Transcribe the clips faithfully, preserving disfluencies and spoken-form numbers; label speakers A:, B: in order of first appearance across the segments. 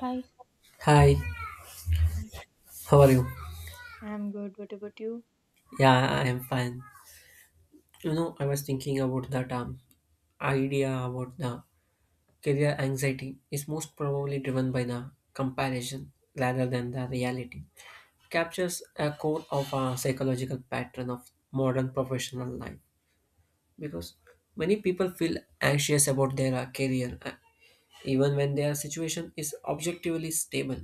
A: Hi,
B: Hi, how are you?
A: I'm good. What about you?
B: Yeah, I am fine. You know, I was thinking about that um, idea about the career anxiety is most probably driven by the comparison rather than the reality. Captures a core of a psychological pattern of modern professional life because many people feel anxious about their uh, career uh, even when their situation is objectively stable.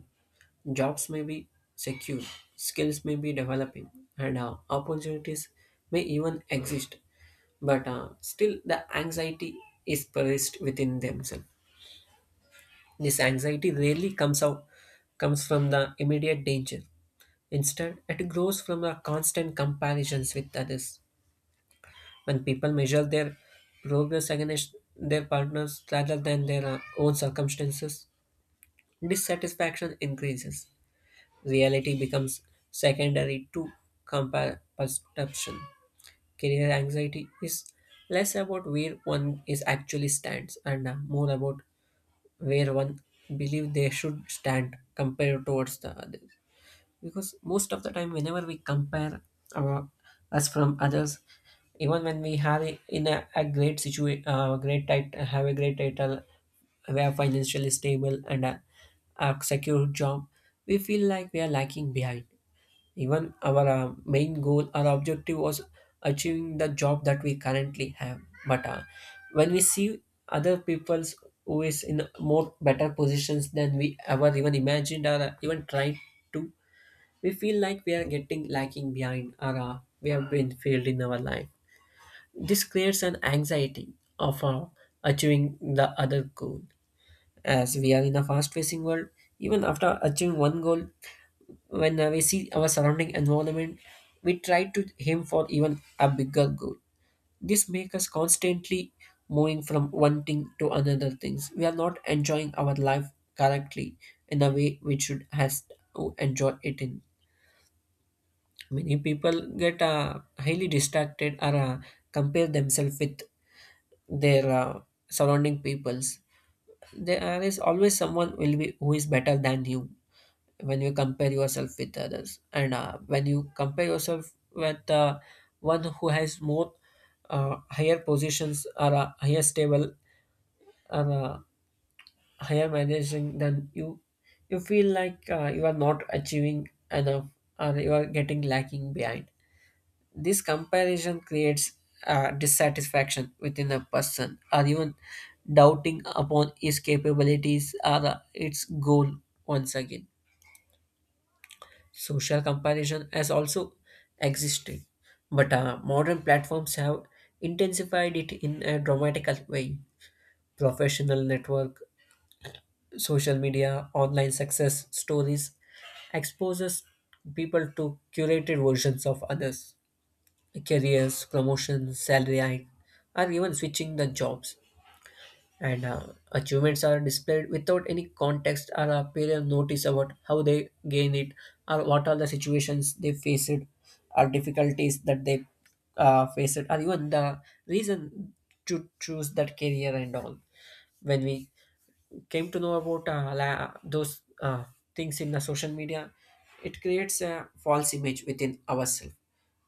B: Jobs may be secure, skills may be developing, and uh, opportunities may even exist, but uh, still the anxiety is placed within themselves. This anxiety rarely comes out comes from the immediate danger. Instead, it grows from the constant comparisons with others. When people measure their progress against their partners rather than their uh, own circumstances, dissatisfaction increases. Reality becomes secondary to compa- perception. Career anxiety is less about where one is actually stands and uh, more about where one believe they should stand compared towards the others. Because most of the time, whenever we compare our, us from others, even when we have a- in a, a great situation, uh, great tit- have a great title, we are financially stable and a, a secure job, we feel like we are lacking behind. Even our uh, main goal, our objective was achieving the job that we currently have. But uh, when we see other people's who is in more better positions than we ever even imagined or uh, even tried to, we feel like we are getting lacking behind or uh, we have been failed in our life. This creates an anxiety of uh, achieving the other goal. As we are in a fast-facing world, even after achieving one goal, when uh, we see our surrounding environment, we try to aim for even a bigger goal. This makes us constantly moving from one thing to another things. We are not enjoying our life correctly in a way we should has to enjoy it in. Many people get uh, highly distracted or uh, compare themselves with their uh, surrounding peoples. There is always someone will be who is better than you when you compare yourself with others and uh, when you compare yourself with uh, one who has more uh, higher positions or uh, higher stable or uh, higher managing than you you feel like uh, you are not achieving enough or you are getting lacking behind. This comparison creates uh, dissatisfaction within a person or even doubting upon his capabilities or uh, its goal once again. Social comparison has also existed, but uh, modern platforms have intensified it in a dramatical way. Professional network, social media, online success stories exposes people to curated versions of others, careers, promotions, salary hike, or even switching the jobs and uh, achievements are displayed without any context or a period notice about how they gain it or what are the situations they faced or difficulties that they uh, faced or even the reason to choose that career and all. When we came to know about uh, la- those uh, things in the social media, it creates a false image within ourselves.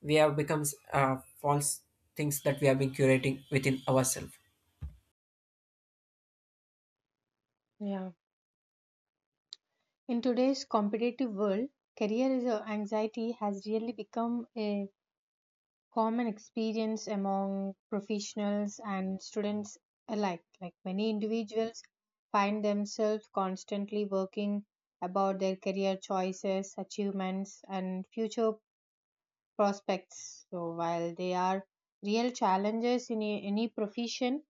B: We have becomes uh, false things that we have been curating within ourselves.
A: Yeah. In today's competitive world, career is a- anxiety has really become a common experience among professionals and students alike. Like, many individuals find themselves constantly working about their career choices, achievements, and future prospects. So while they are real challenges in a- any profession,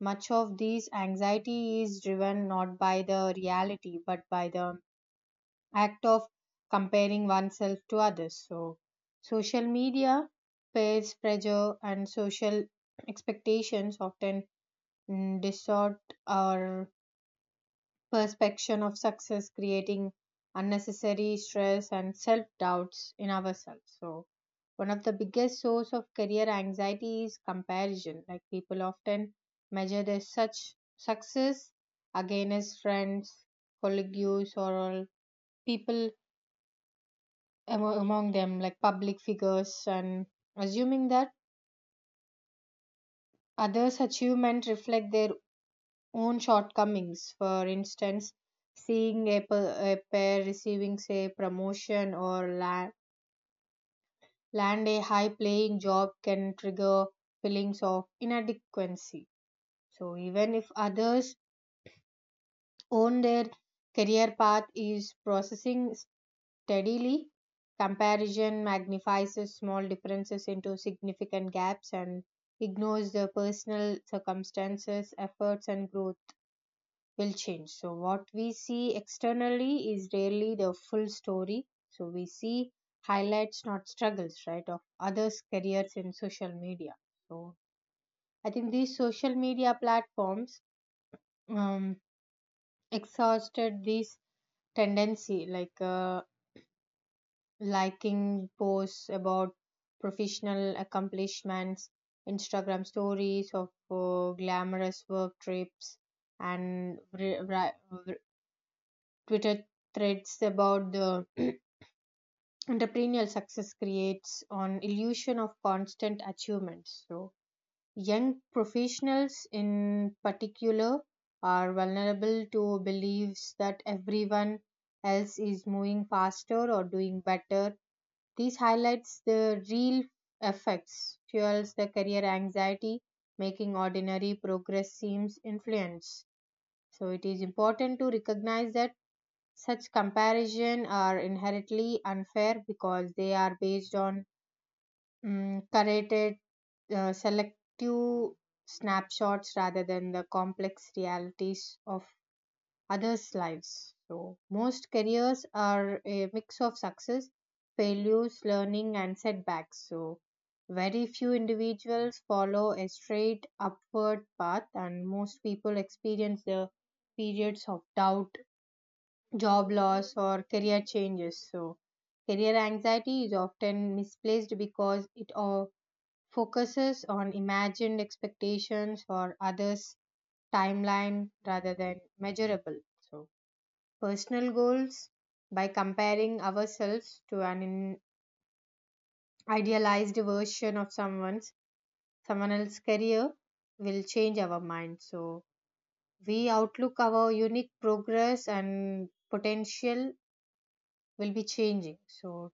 A: much of these anxiety is driven not by the reality but by the act of comparing oneself to others. So social media, peer pressure, and social expectations often mm, distort our perception of success, creating unnecessary stress and self doubts in ourselves. So, one of the biggest source of career anxiety is comparison. Like, people often measure their such success against friends, colleagues, or all people amo- among them, like public figures, and assuming that others' achievement reflect their own shortcomings. For instance, seeing a, pa- a pair receiving, say, promotion or land, land a high paying job can trigger feelings of inadequacy. So, even if others own their career path is processing steadily, comparison magnifies small differences into significant gaps and ignores the personal circumstances, efforts, and growth will change. So, what we see externally is rarely the full story. So, we see highlights, not struggles, right, of others' careers in social media. So, I think these social media platforms um, exhausted this tendency, like uh, liking posts about professional accomplishments, Instagram stories of uh, glamorous work trips, and ri- ri- Twitter threads about the entrepreneurial success creates an illusion of constant achievements. So, young professionals in particular are vulnerable to beliefs that everyone else is moving faster or doing better. This highlights the real effects, fuels the career anxiety, making ordinary progress seems influence. So, it is important to recognize that such comparison are inherently unfair because they are based on mm, curated, uh, selective snapshots rather than the complex realities of others' lives. So, most careers are a mix of success, failures, learning, and setbacks. So, very few individuals follow a straight upward path, and most people experience the periods of doubt job loss or career changes. So, career anxiety is often misplaced because it all focuses on imagined expectations or others' timeline rather than measurable. So, personal goals by comparing ourselves to an in- idealized version of someone's someone else's career will change our mind. So, we outlook our unique progress and potential will be changing. So,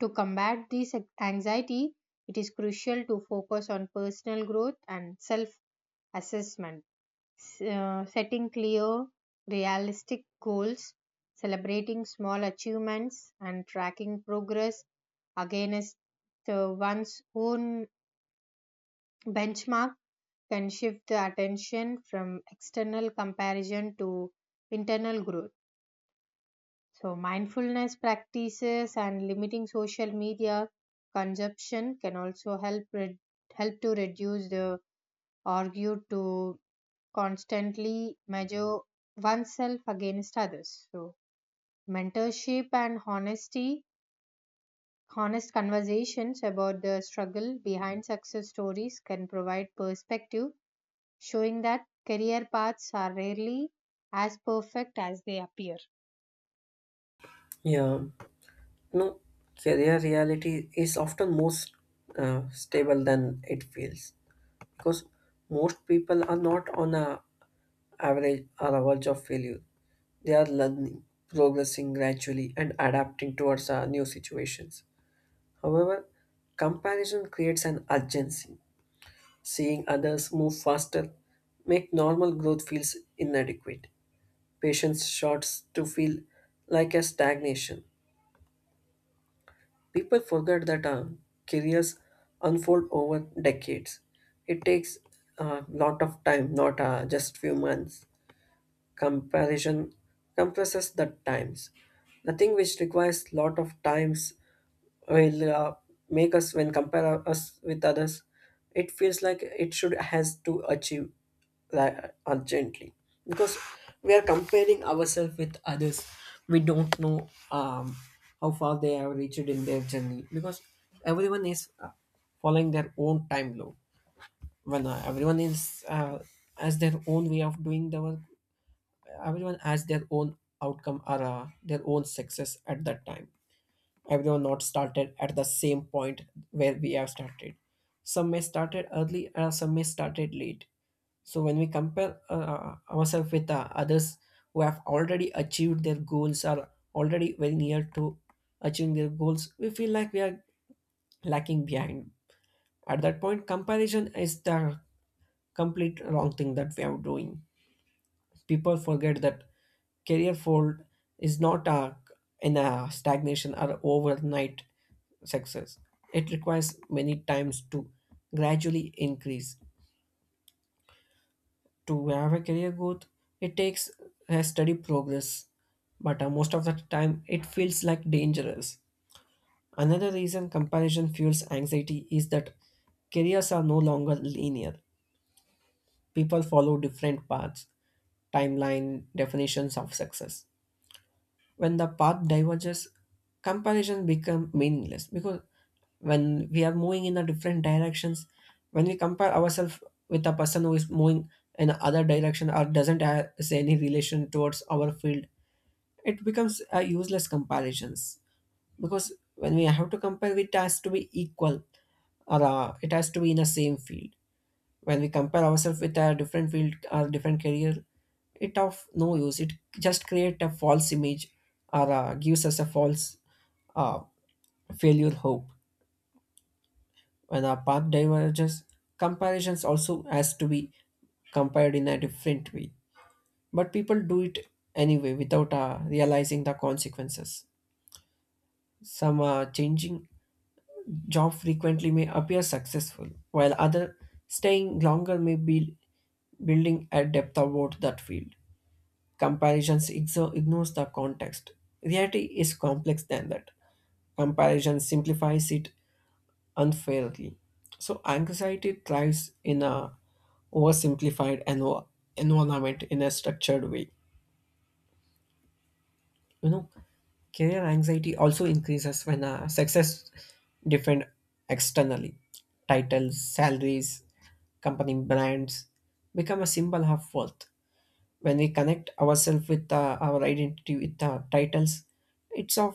A: to combat this anxiety, it is crucial to focus on personal growth and self assessment, setting clear, realistic goals, celebrating small achievements, and tracking progress against uh, one's own benchmark can shift the attention from external comparison to internal growth. So, mindfulness practices and limiting social media consumption can also help re- help to reduce the argue to constantly measure oneself against others. So, mentorship and honesty, honest conversations about the struggle behind success stories can provide perspective, showing that career paths are rarely as perfect as they appear.
B: Yeah. No, career reality is often most uh, stable than it feels because most people are not on a average or a verge of failure. They are learning, progressing gradually, and adapting towards uh, new situations. However, comparison creates an urgency. Seeing others move faster make normal growth feels inadequate. Patience starts to feel like a stagnation. People forget that uh, careers unfold over decades. It takes a lot of time, not uh, just few months. Comparison compresses the times. Nothing which requires lot of times will uh, make us, when compare us with others, it feels like it should has to achieve like urgently, because we are comparing ourselves with others. We don't know um, how far they have reached in their journey, because everyone is uh, following their own time load. When uh, everyone is uh, has their own way of doing the work, everyone has their own outcome or uh, their own success at that time. Everyone not started at the same point where we have started. Some may started early and some may started late. So when we compare uh, ourselves with uh, others who have already achieved their goals are already very near to achieving their goals, we feel like we are lacking behind. At that point, comparison is the complete wrong thing that we are doing. People forget that career fold is not a, in a stagnation or overnight success. It requires many times to gradually increase. To have a career growth, it takes a steady progress, but uh, most of the time it feels like dangerous. Another reason comparison fuels anxiety is that careers are no longer linear. People follow different paths, timeline, definitions of success. When the path diverges, comparison become meaningless, because when we are moving in a different directions, when we compare ourselves with a person who is moving in other direction or doesn't have say, any relation towards our field, it becomes a useless comparisons. Because when we have to compare, it has to be equal or uh, it has to be in the same field. When we compare ourselves with a different field or different career, it of no use. It just create a false image or uh, gives us a false uh, failure hope. When our path diverges, comparisons also has to be compared in a different way. But people do it anyway without uh, realizing the consequences. Some uh, changing job frequently may appear successful, while other staying longer may be building a depth about that field. Comparisons exo- ignores the context. Reality is complex than that. Comparison simplifies it unfairly. So anxiety thrives in a oversimplified env- environment in a structured way. You know, career anxiety also increases when uh, success different externally. Titles, salaries, company brands become a symbol of worth. When we connect ourselves with uh, our identity with uh, titles, it's of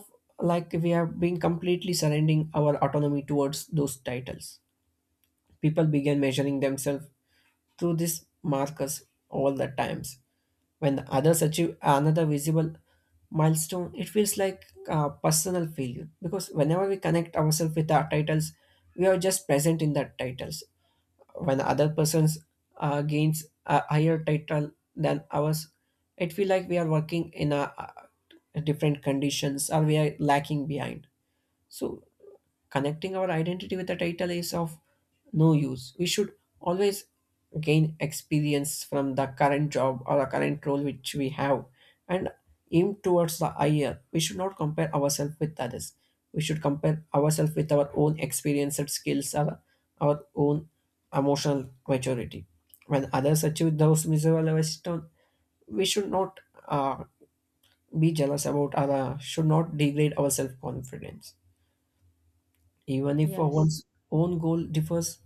B: like we have been completely surrendering our autonomy towards those titles. People began measuring themselves through these markers all the times. When others achieve another visible milestone, it feels like a personal failure, because whenever we connect ourselves with our titles, we are just present in that titles. When other persons uh, gains a higher title than ours, it feel like we are working in a uh different conditions or we are lacking behind. So connecting our identity with the title is of no use. We should always gain experience from the current job or the current role which we have and aim towards the higher. We should not compare ourselves with others. We should compare ourselves with our own experienced skills or our own emotional maturity. When others achieve those miserable milestones, we should not uh, be jealous about or uh, should not degrade our self confidence even if
A: Yes.
B: one's own goal differs.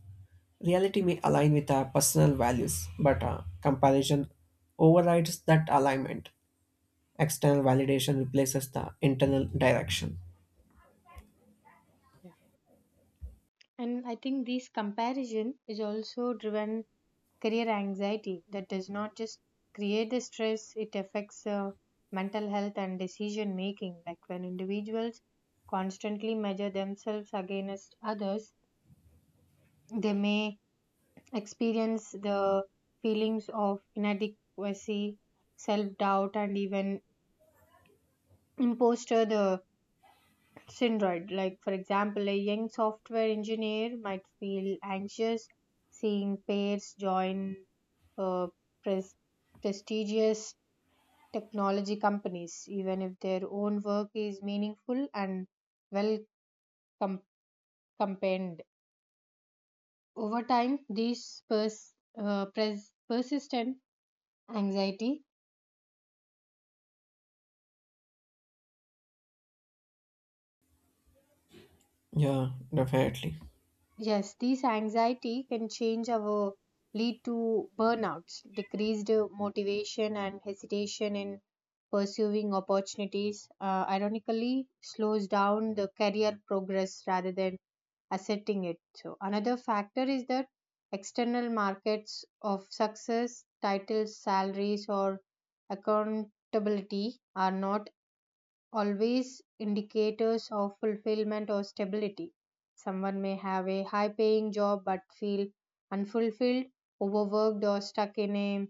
B: Reality may align with our personal values, but uh, comparison overrides that alignment. External validation replaces the internal direction.
A: And I think this comparison is also driven career anxiety that does not just create the stress, it affects uh, mental health and decision making. Like, when individuals constantly measure themselves against others, they may experience the feelings of inadequacy, self doubt, and even imposter the syndrome. Like, for example, a young software engineer might feel anxious seeing peers join uh, pres- prestigious technology companies, even if their own work is meaningful and well com- compared. Over time, these pers- uh, pres- persistent anxiety.
B: Yeah, definitely.
A: Yes, these anxiety can change our lead to burnouts, decreased motivation, and hesitation in pursuing opportunities. Uh, ironically, slows down the career progress rather than asserting it. So another factor is that external markets of success, titles, salaries, or accountability are not always indicators of fulfillment or stability. Someone may have a high paying job but feel unfulfilled, overworked, or stuck in a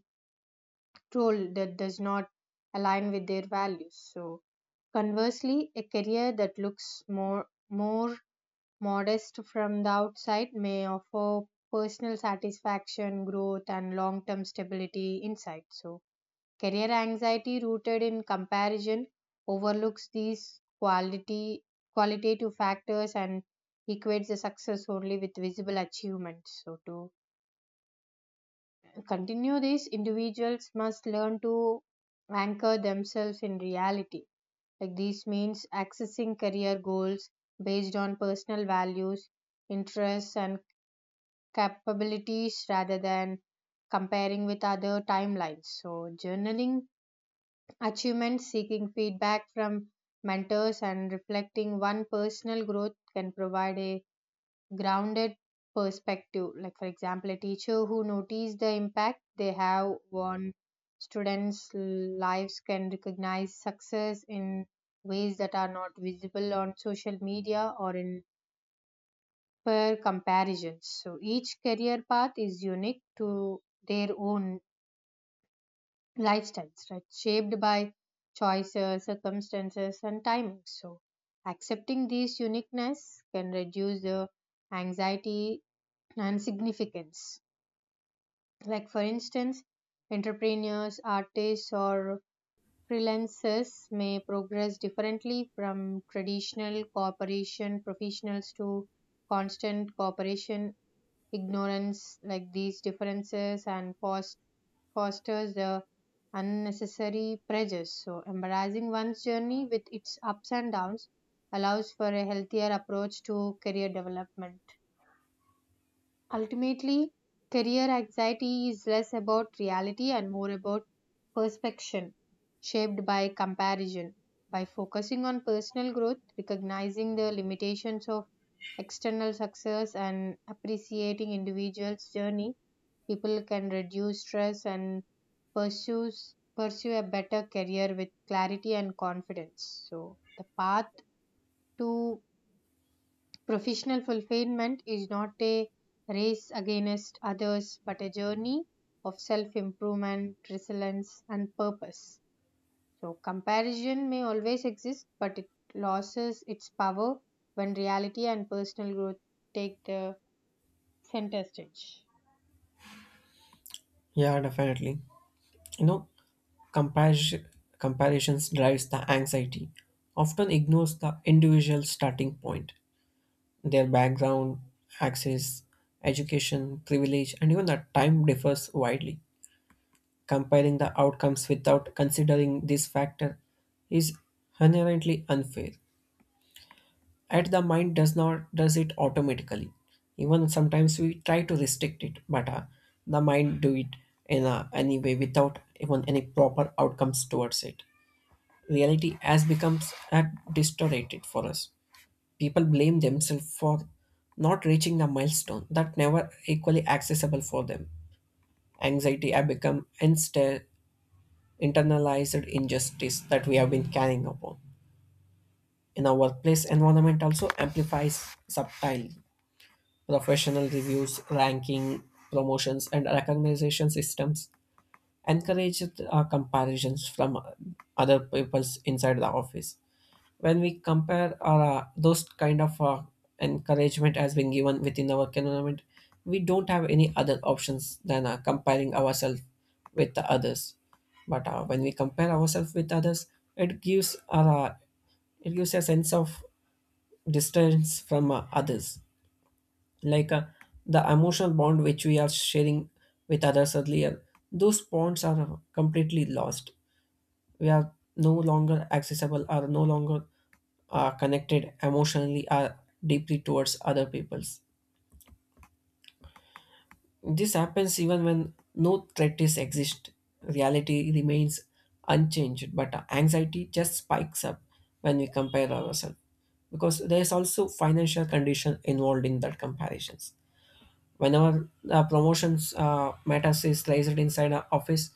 A: role that does not align with their values. So, conversely, a career that looks more, more modest from the outside may offer personal satisfaction, growth, and long term stability inside. So, career anxiety rooted in comparison overlooks these quality qualitative factors and equates the success only with visible achievements. So to continue this, individuals must learn to anchor themselves in reality. Like, this means accessing career goals based on personal values, interests and capabilities rather than comparing with other timelines. So journaling achievement seeking feedback from mentors and reflecting one personal growth can provide a grounded perspective. Like, for example, a teacher who notices the impact they have on students' lives can recognize success in ways that are not visible on social media or in peer comparisons. So, each career path is unique to their own lifestyles, right? Shaped by choices, circumstances, and timing. So, accepting these uniqueness can reduce the anxiety and significance. Like, for instance, entrepreneurs, artists, or freelancers may progress differently from traditional corporation professionals to constant corporation ignorance like these differences and forced fosters the unnecessary pressures. So, embracing one's journey with its ups and downs allows for a healthier approach to career development. Ultimately, career anxiety is less about reality and more about perception shaped by comparison. By focusing on personal growth, recognizing the limitations of external success, and appreciating individuals' journey, people can reduce stress and pursues, pursue a better career with clarity and confidence. So, the path to professional fulfillment is not a race against others but a journey of self improvement, resilience, and purpose. So, comparison may always exist, but it loses its power when reality and personal growth take the center stage.
B: Yeah, definitely. You know, comparison comparisons drives the anxiety, often ignores the individual starting point, their background, access, education, privilege, and even the time differs widely. Comparing the outcomes without considering this factor is inherently unfair. Yet the mind does not does it automatically. Even sometimes we try to restrict it, but uh, the mind do it in a, any way without even any proper outcomes towards it. Reality has becomes uh, distorted for us. People blame themselves for not reaching the milestone that never equally accessible for them. Anxiety have become insta- internalized injustice that we have been carrying upon. In our workplace environment also amplifies subtly. Professional reviews, ranking, promotions, and recognition systems encourage uh, comparisons from uh, other peoples inside the office. When we compare our uh, those kind of uh, encouragement has been given within our environment, we don't have any other options than uh, comparing ourselves with the others. But uh, when we compare ourselves with others, it gives our uh, it gives a sense of distance from uh, others, like uh, the emotional bond which we are sharing with others earlier, those bonds are completely lost. We are no longer accessible are no longer uh, connected emotionally or deeply towards other peoples. This happens even when no threat is exist. Reality remains unchanged, but anxiety just spikes up when we compare ourselves, because there is also financial condition involved in that comparisons. Whenever the promotions uh, matters is raised inside an office,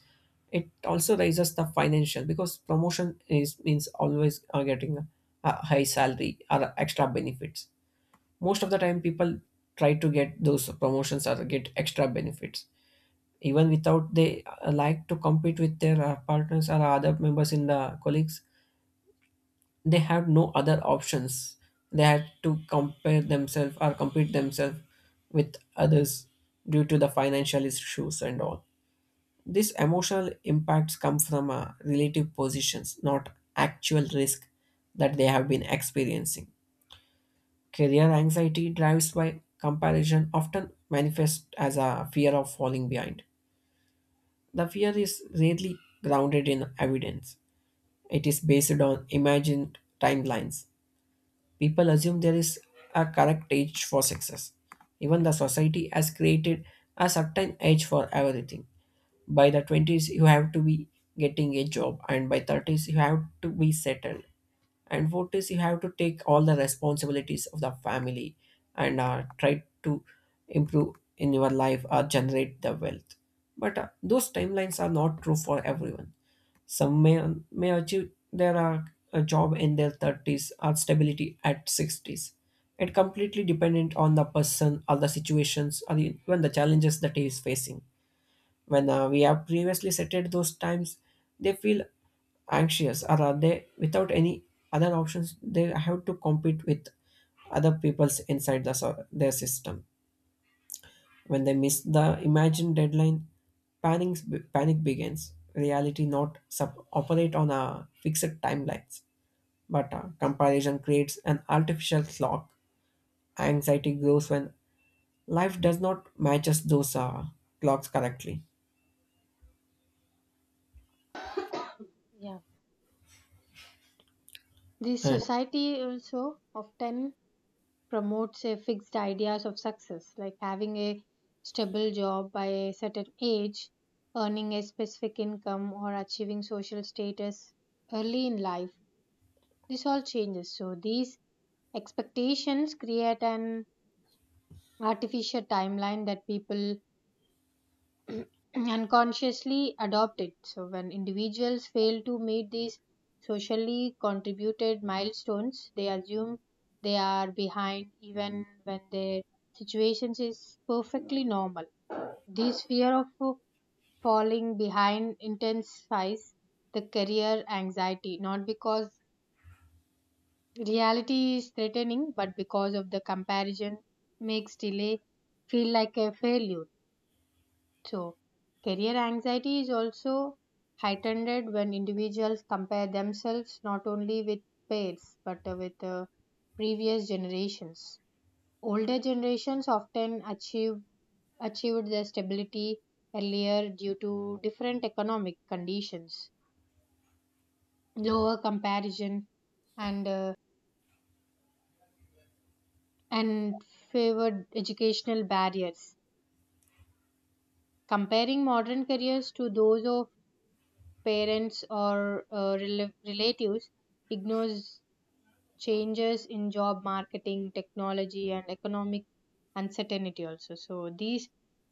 B: it also raises the financial, because promotion is means always uh, getting a, high salary or extra benefits. Most of the time people try to get those promotions or get extra benefits, even without they uh, like to compete with their uh, partners or other members in the colleagues. They had no other options. They had to compare themselves or compete themselves with others due to the financial issues and all. These emotional impacts come from uh, relative positions, not actual risk that they have been experiencing. Career anxiety drives by comparison often manifests as a fear of falling behind. The fear is rarely grounded in evidence. It is based on imagined timelines. People assume there is a correct age for success. Even the society has created a certain age for everything. By the twenties, you have to be getting a job, and by thirties, you have to be settled. And forties, you have to take all the responsibilities of the family and uh, try to improve in your life or generate the wealth. But uh, those timelines are not true for everyone. Some may, may achieve their uh, a job in their thirties or stability at sixties. It completely dependent on the person or the situations or even the challenges that he is facing. When uh, we have previously settled those times, they feel anxious, or are they without any other options, they have to compete with other people's inside the so- their system. When they miss the imagined deadline, panic, panic begins. Reality not sub- operate on a fixed timelines, but uh, comparison creates an artificial clock. Anxiety grows when life does not matches those uh, clocks correctly.
A: Yeah. This
B: And
A: society also often promotes a fixed ideas of success like having a stable job by a certain age earning a specific income or achieving social status early in life. This all changes, so these expectations create an artificial timeline that people unconsciously adopt it. So, when individuals fail to meet these socially contributed milestones, they assume they are behind even when their situation is perfectly normal. This fear of uh, falling behind intensifies the career anxiety, not because reality is threatening, but because of the comparison makes delay feel like a failure. So, career anxiety is also heightened when individuals compare themselves not only with peers but uh, with uh, previous generations. Older generations often achieve, achieved their stability earlier due to different economic conditions, lower comparison, and uh, and favored educational barriers. Comparing modern careers to those of parents or uh, rel- relatives ignores changes in job marketing technology and economic uncertainty also, so these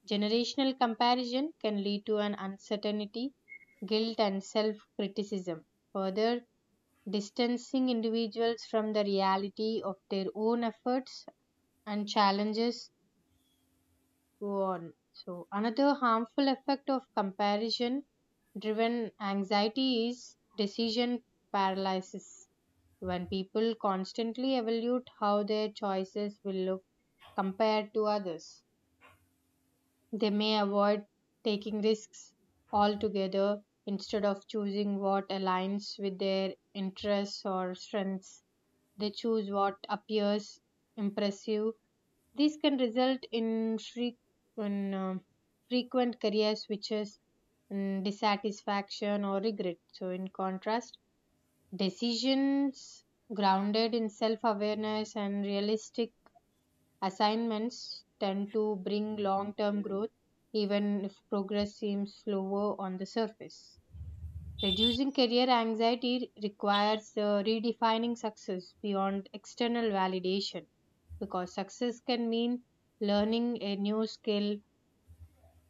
A: generational comparison can lead to an uncertainty guilt and self criticism, further distancing individuals from the reality of their own efforts and challenges go on. So another harmful effect of comparison driven anxiety is decision paralysis when people constantly evaluate how their choices will look compared to others. They may avoid taking risks altogether instead of choosing what aligns with their interests or strengths. They choose what appears impressive. This can result in, frequent, um, frequent career switches, mm, dissatisfaction, or regret. So, in contrast, decisions grounded in self awareness and realistic assignments tend to bring long term growth, even if progress seems slower on the surface. Reducing career anxiety requires uh, redefining success beyond external validation because success can mean learning a new skill,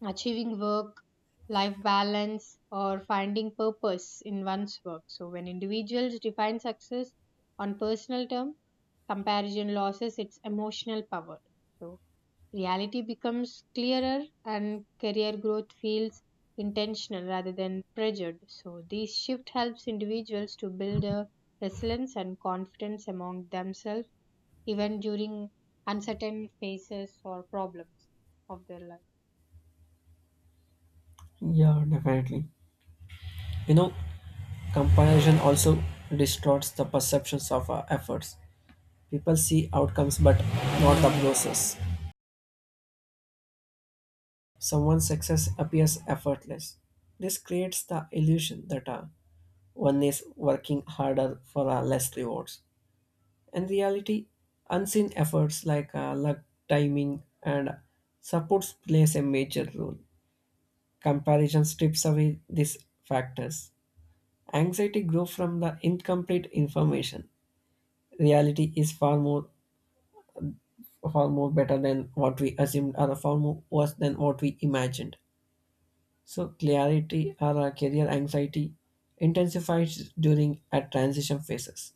A: achieving work life balance or finding purpose in one's work. So when individuals define success on personal terms, comparison loses its emotional power, so reality becomes clearer and career growth feels intentional rather than pressured. So this shift helps individuals to build a resilience and confidence among themselves even during uncertain phases or problems of their life.
B: yeah, definitely. You know, comparison also distorts the perceptions of our efforts. People see outcomes but not the process. Someone's success appears effortless. This creates the illusion that uh, one is working harder for uh, less rewards. In reality, unseen efforts like uh, luck, timing, and supports plays a major role. Comparison strips away these factors. Anxiety grows from the incomplete information. Reality is far more far more better than what we assumed or far more worse than what we imagined. So clarity or uh, career anxiety intensifies during a transition phases.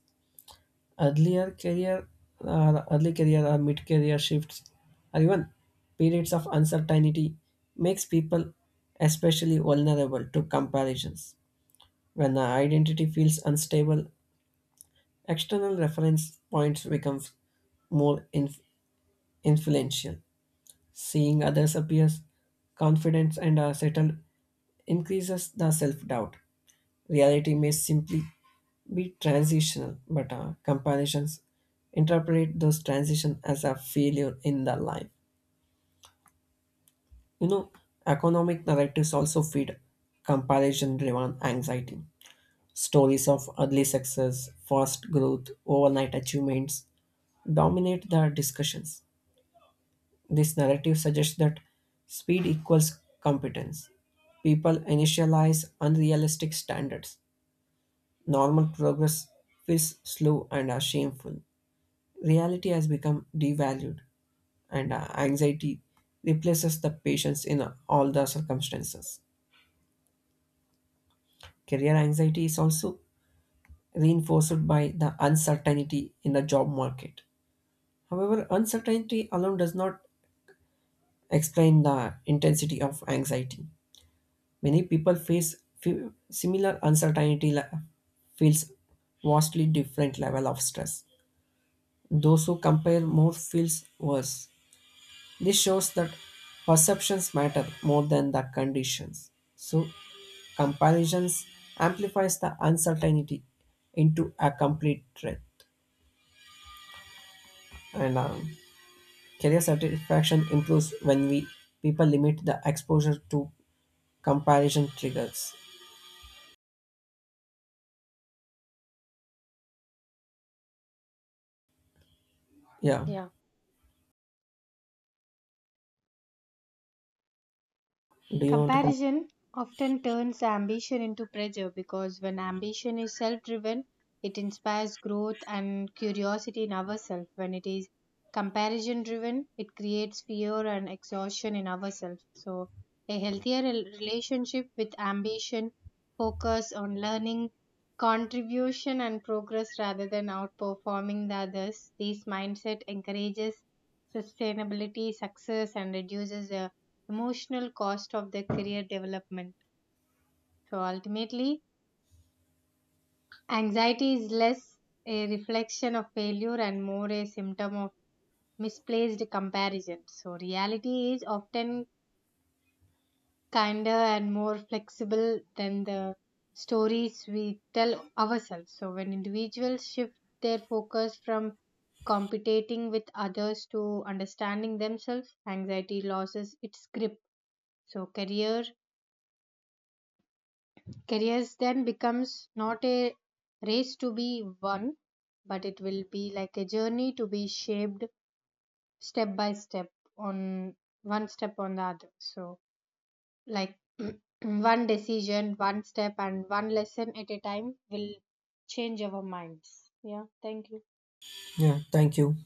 B: Earlier career or early career or mid career shifts or even periods of uncertainty makes people especially vulnerable to comparisons. When the identity feels unstable, external reference points become more inf- influential. Seeing others appear confident and are settled increases the self doubt. Reality may simply be transitional, but uh, comparisons interpret those transitions as a failure in their life. You know, economic narratives also feed comparison driven anxiety. Stories of early success, fast growth, overnight achievements dominate the discussions. This narrative suggests that speed equals competence. People initialize unrealistic standards. Normal progress is slow and uh, shameful. Reality has become devalued, and uh, anxiety replaces the patience in uh, all the circumstances. Career anxiety is also reinforced by the uncertainty in the job market. However, uncertainty alone does not explain the intensity of anxiety. Many people face fe- similar uncertainty le- feels vastly different level of stress. Those who compare more feels worse. This shows that perceptions matter more than the conditions. So comparisons amplifies the uncertainty into a complete threat. And um, career satisfaction improves when we people limit the exposure to comparison triggers. Yeah.
A: Yeah.
B: Do you want to? con-
A: Comparison often turns ambition into pressure because when ambition is self driven, it inspires growth and curiosity in ourselves. When it is comparison driven, it creates fear and exhaustion in ourselves. So, a healthier rel- relationship with ambition focus on learning, contribution, and progress rather than outperforming the others. This mindset encourages sustainability, success, and reduces the emotional cost of their career development. So ultimately, anxiety is less a reflection of failure and more a symptom of misplaced comparison. So reality is often kinder and more flexible than the stories we tell ourselves. So when individuals shift their focus from competing with others to understanding themselves, anxiety loses its grip. So career careers then becomes not a race to be won, but it will be like a journey to be shaped step by step on one step on the other. So, like one decision, one step, and one lesson at a time will change our minds. Yeah, thank you.
B: Yeah. Thank you.